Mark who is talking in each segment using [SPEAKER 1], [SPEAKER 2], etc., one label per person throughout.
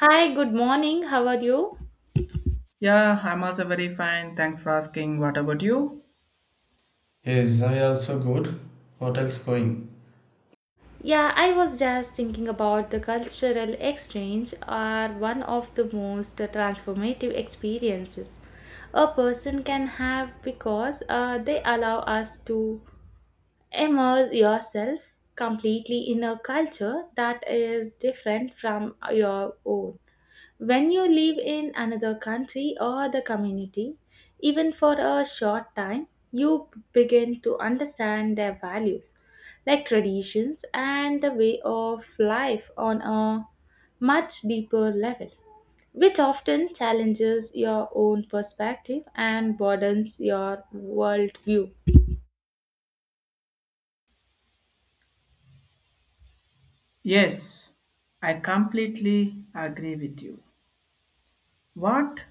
[SPEAKER 1] Hi, good morning. How are you?
[SPEAKER 2] Yeah, I'm also very fine. Thanks for asking. What about you?
[SPEAKER 3] Yes, I also good. What else going.
[SPEAKER 1] Yeah, I was just thinking about the cultural exchange are one of the most transformative experiences a person can have because they allow us to immerse yourself completely in a culture that is different from your own. When you live in another country or the community, even for a short time, you begin to understand their values, like traditions and the way of life on a much deeper level, which often challenges your own perspective and broadens your worldview.
[SPEAKER 2] Yes, I completely agree with you. What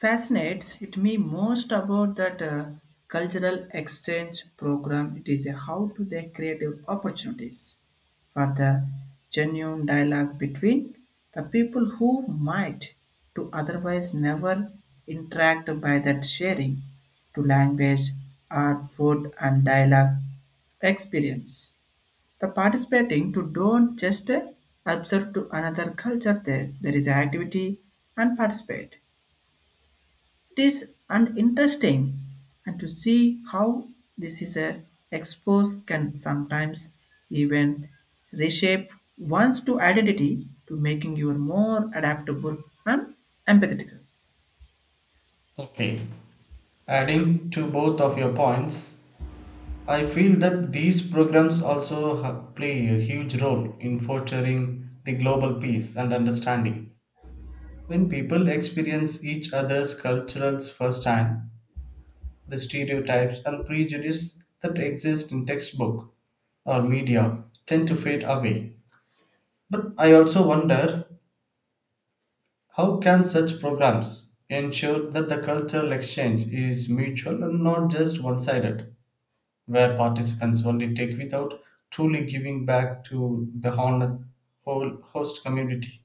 [SPEAKER 2] fascinates it me most about that cultural exchange program it is a how to they creative opportunities for the genuine dialogue between the people who might to otherwise never interact by that sharing to language, art, food and dialogue experience. The participating to don't just observe to another culture there. There is activity and participate. It is an interesting and to see how this is a expose can sometimes even reshape one's to identity to making you more adaptable and empathetic.
[SPEAKER 3] Okay. Adding to both of your points, I feel that these programs also play a huge role in fostering the global peace and understanding. When people experience each other's cultures firsthand, the stereotypes and prejudice that exist in textbook or media tend to fade away. But I also wonder, how can such programs ensure that the cultural exchange is mutual and not just one sided, where participants only take without truly giving back to the whole host community?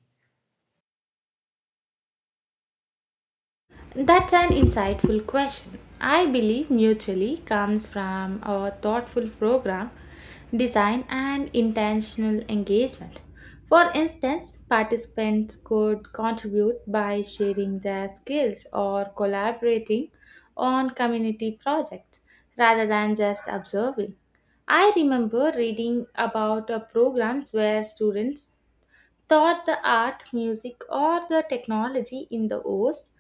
[SPEAKER 1] That's an insightful question. I believe mutually comes from a thoughtful program design and intentional engagement. For instance, participants could contribute by sharing their skills or collaborating on community projects rather than just observing. I remember reading about programs where students taught the art, music, or the technology in the host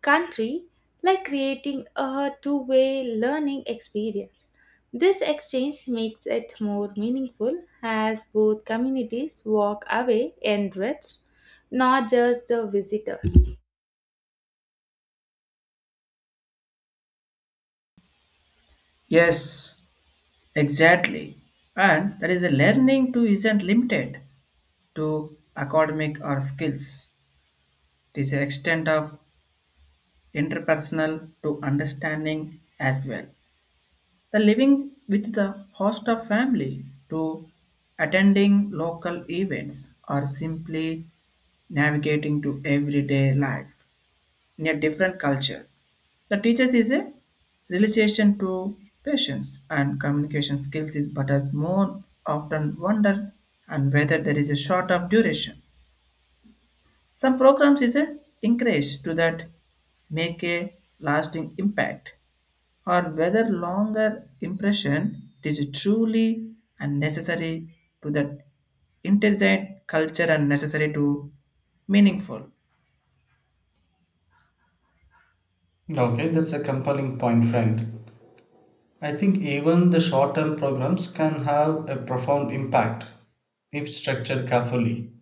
[SPEAKER 1] country, like creating a two-way learning experience. This exchange makes it more meaningful as both communities walk away enriched, not just the visitors.
[SPEAKER 2] Yes, exactly. And that is a learning too isn't limited to academic or skills. It is an extent of interpersonal to understanding as well. The living with the host of family to attending local events or simply navigating to everyday life in a different culture. The teachers is a realization to patience and communication skills is but as more often wonder and whether there is a short of duration. Some programs is a encourage to that make a lasting impact or whether longer impression is truly unnecessary to that intelligent culture and necessary to meaningful.
[SPEAKER 3] Okay, that's a compelling point, friend. I think even the short term programs can have a profound impact if structured carefully,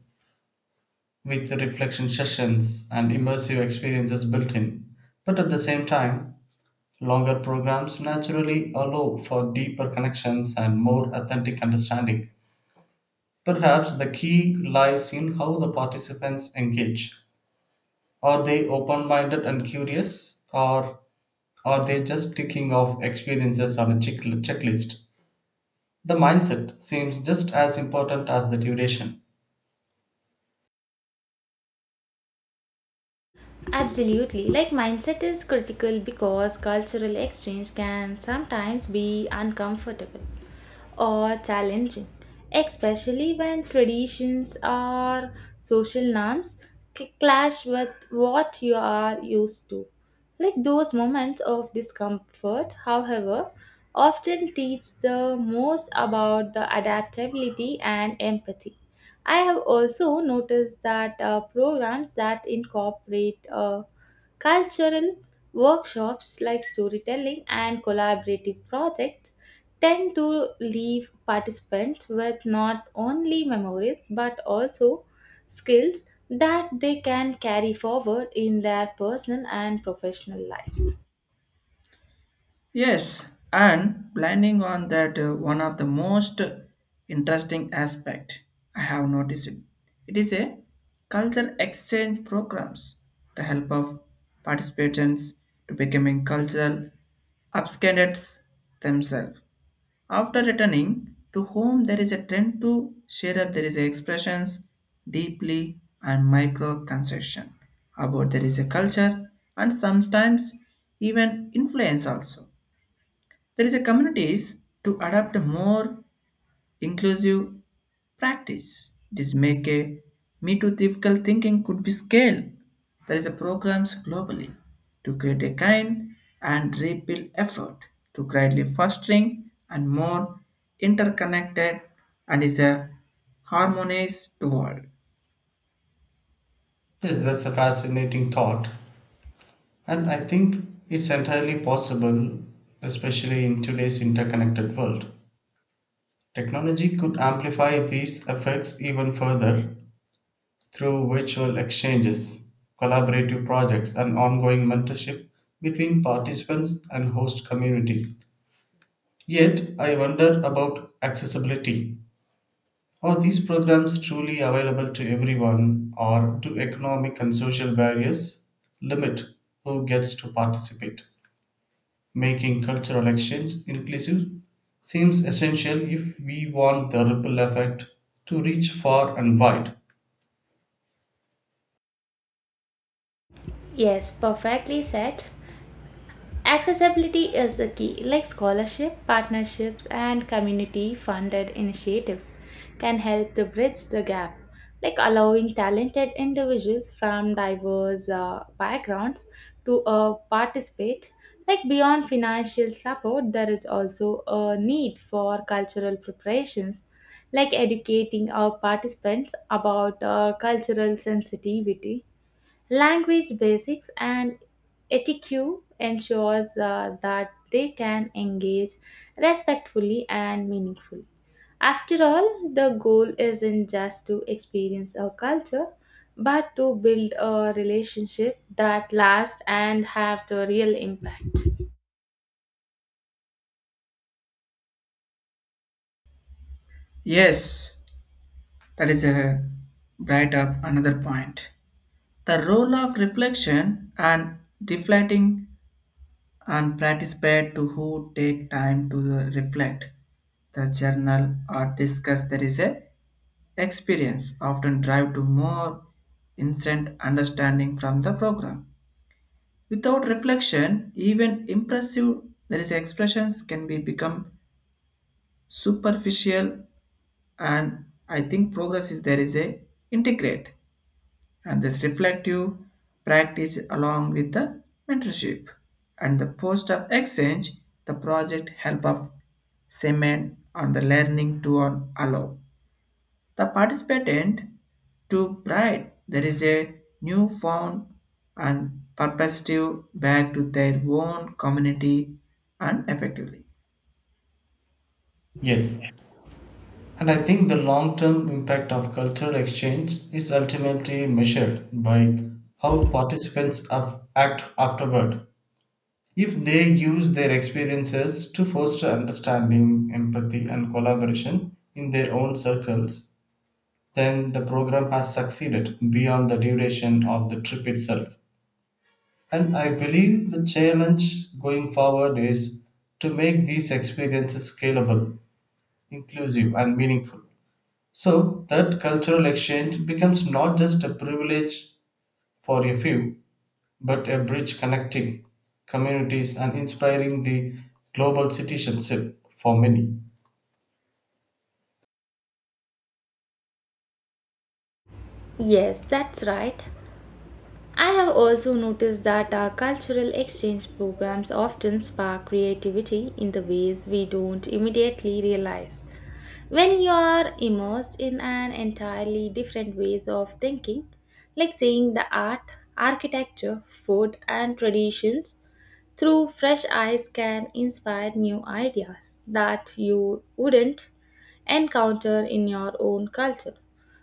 [SPEAKER 3] with reflection sessions and immersive experiences built in. But at the same time, longer programs naturally allow for deeper connections and more authentic understanding. Perhaps the key lies in how the participants engage. Are they open minded and curious, or are they just ticking off experiences on a checklist? The mindset seems just as important as the duration.
[SPEAKER 1] Absolutely. Like mindset is critical because cultural exchange can sometimes be uncomfortable or challenging, especially when traditions or social norms clash with what you are used to. Like those moments of discomfort, however, often teach the most about the adaptability and empathy. I have also noticed that programs that incorporate cultural workshops like storytelling and collaborative projects tend to leave participants with not only memories but also skills that they can carry forward in their personal and professional lives.
[SPEAKER 2] Yes, and planning on that one of the most interesting aspect I have noticed. It is a culture exchange programs. The help of participants to becoming cultural upscandates themselves. After returning to home, there is a trend to share up there is expressions deeply and micro concession about there is a culture and sometimes even influence also there is a communities to adopt a more inclusive practice. This make a me too difficult thinking could be scaled. There is a programs globally to create a kind and rebuild effort to greatly fostering and more interconnected and is a harmonized world.
[SPEAKER 3] Yes, that's a fascinating thought, and I think it's entirely possible, especially in today's interconnected world. Technology could amplify these effects even further through virtual exchanges, collaborative projects, and ongoing mentorship between participants and host communities. Yet, I wonder about accessibility. Are these programs truly available to everyone, or do economic and social barriers limit who gets to participate? Making cultural exchange inclusive seems essential if we want the ripple effect to reach far and wide.
[SPEAKER 1] Yes, perfectly said. Accessibility is a key, like scholarship, partnerships, and community funded initiatives can help to bridge the gap, like allowing talented individuals from diverse backgrounds to participate. Like beyond financial support, there is also a need for cultural preparations, like educating our participants about cultural sensitivity, language basics and etiquette ensures that they can engage respectfully and meaningfully. After all, the goal isn't just to experience a culture, but to build a relationship that lasts and have the real impact.
[SPEAKER 2] Yes, that is a bright up another point. The role of reflection and deflating and participate to who take time to reflect the journal or discuss there is a experience often drive to more instant understanding from the program without reflection even impressive there is expressions can be become superficial and I think progress is there is a integrate and this reflective practice along with the mentorship and the post of exchange the project help of cement on the learning to allow the participant to pride there is a newfound and purposive back to their own community and effectively.
[SPEAKER 3] Yes, and I think the long term impact of cultural exchange is ultimately measured by how participants act afterward. If they use their experiences to foster understanding, empathy, and collaboration in their own circles, then the program has succeeded beyond the duration of the trip itself. And I believe the challenge going forward is to make these experiences scalable, inclusive, and meaningful, so that cultural exchange becomes not just a privilege for a few, but a bridge connecting communities and inspiring the global citizenship for many.
[SPEAKER 1] Yes, that's right. I have also noticed that our cultural exchange programs often spark creativity in the ways we don't immediately realize. When you are immersed in an entirely different ways of thinking, like seeing the art, architecture, food and traditions through fresh eyes can inspire new ideas that you wouldn't encounter in your own culture.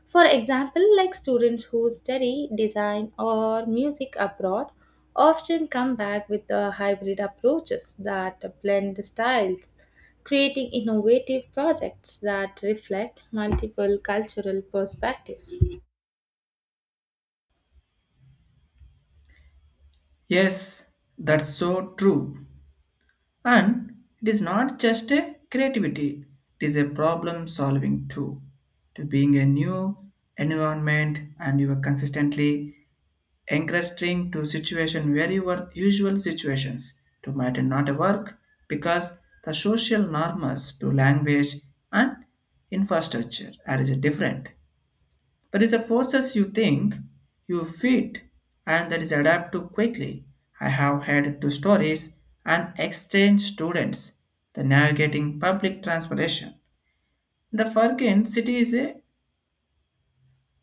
[SPEAKER 1] For example, like students who study design or music abroad often come back with the hybrid approaches that blend styles, creating innovative projects that reflect multiple cultural perspectives.
[SPEAKER 2] Yes, that's so true. And it is not just a creativity, it is a problem solving too. To being a new environment and you are consistently encouraging to situation where your usual situations to matter not a work because the social norms to language and infrastructure are is different. There is a forces you think, you fit, and that is adapt to quickly. I have had two stories and exchange students, the navigating public transportation. The furkin city is a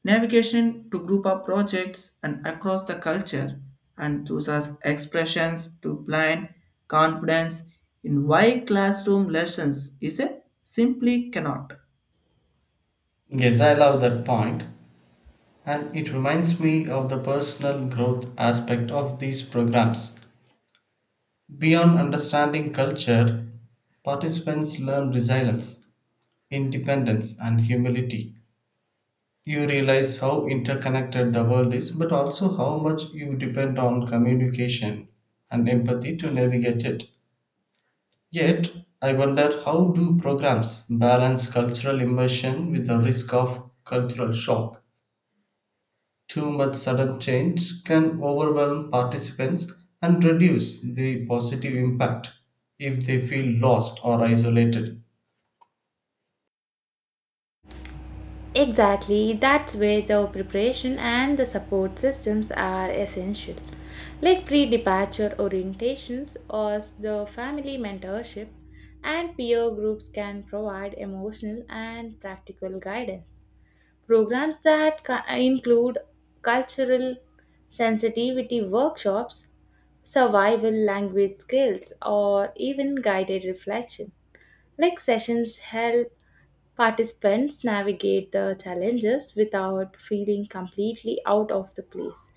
[SPEAKER 2] navigation to group of projects and across the culture and uses expressions to blind confidence in why classroom lessons is a simply cannot.
[SPEAKER 3] Yes, I love that point, and it reminds me of the personal growth aspect of these programs. Beyond understanding culture, participants learn resilience, independence, and humility. You realize how interconnected the world is, but also how much you depend on communication and empathy to navigate it. Yet, I wonder, how do programs balance cultural immersion with the risk of cultural shock? Too much sudden change can overwhelm participants and reduce the positive impact if they feel lost or isolated.
[SPEAKER 1] Exactly, that's where the preparation and the support systems are essential, like pre departure orientations or the family mentorship, and peer groups can provide emotional and practical guidance. Programs that include cultural sensitivity workshops, survival language skills, or even guided reflection. Like sessions help participants navigate the challenges without feeling completely out of the place.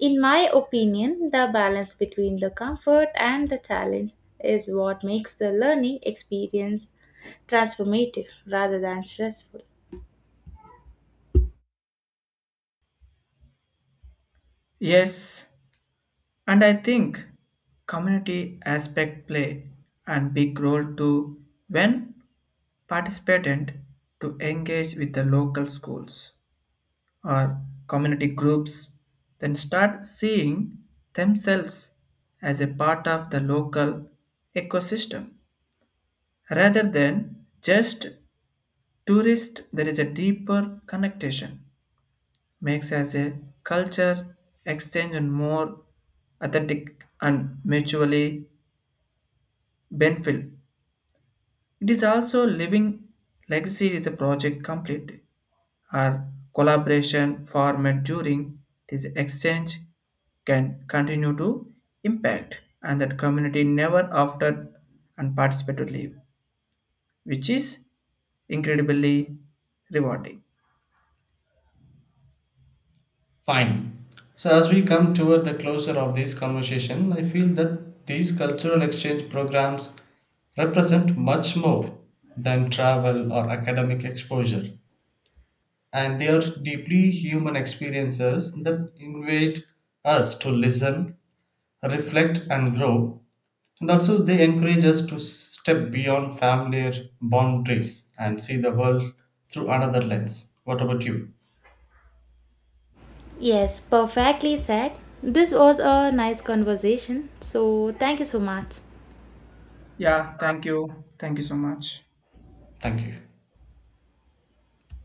[SPEAKER 1] In my opinion, the balance between the comfort and the challenge is what makes the learning experience transformative rather than stressful.
[SPEAKER 2] Yes, and I think community aspect play a big role too when participant to engage with the local schools or community groups, then start seeing themselves as a part of the local ecosystem rather than just tourist there is a deeper connection makes as a culture exchange and more authentic and mutually Benfield. It is also Living Legacy is a project complete or collaboration format during this exchange can continue to impact and that community never after and participate to leave, which is incredibly rewarding.
[SPEAKER 3] Fine. So, as we come toward the closure of this conversation, I feel that these cultural exchange programs represent much more than travel or academic exposure, and they are deeply human experiences that invite us to listen, reflect, and grow. And also, they encourage us to step beyond familiar boundaries and see the world through another lens. What about you?
[SPEAKER 1] Yes, perfectly said. This was a nice conversation. So, thank you so much.
[SPEAKER 2] Yeah, thank you. Thank you so much.
[SPEAKER 3] Thank you.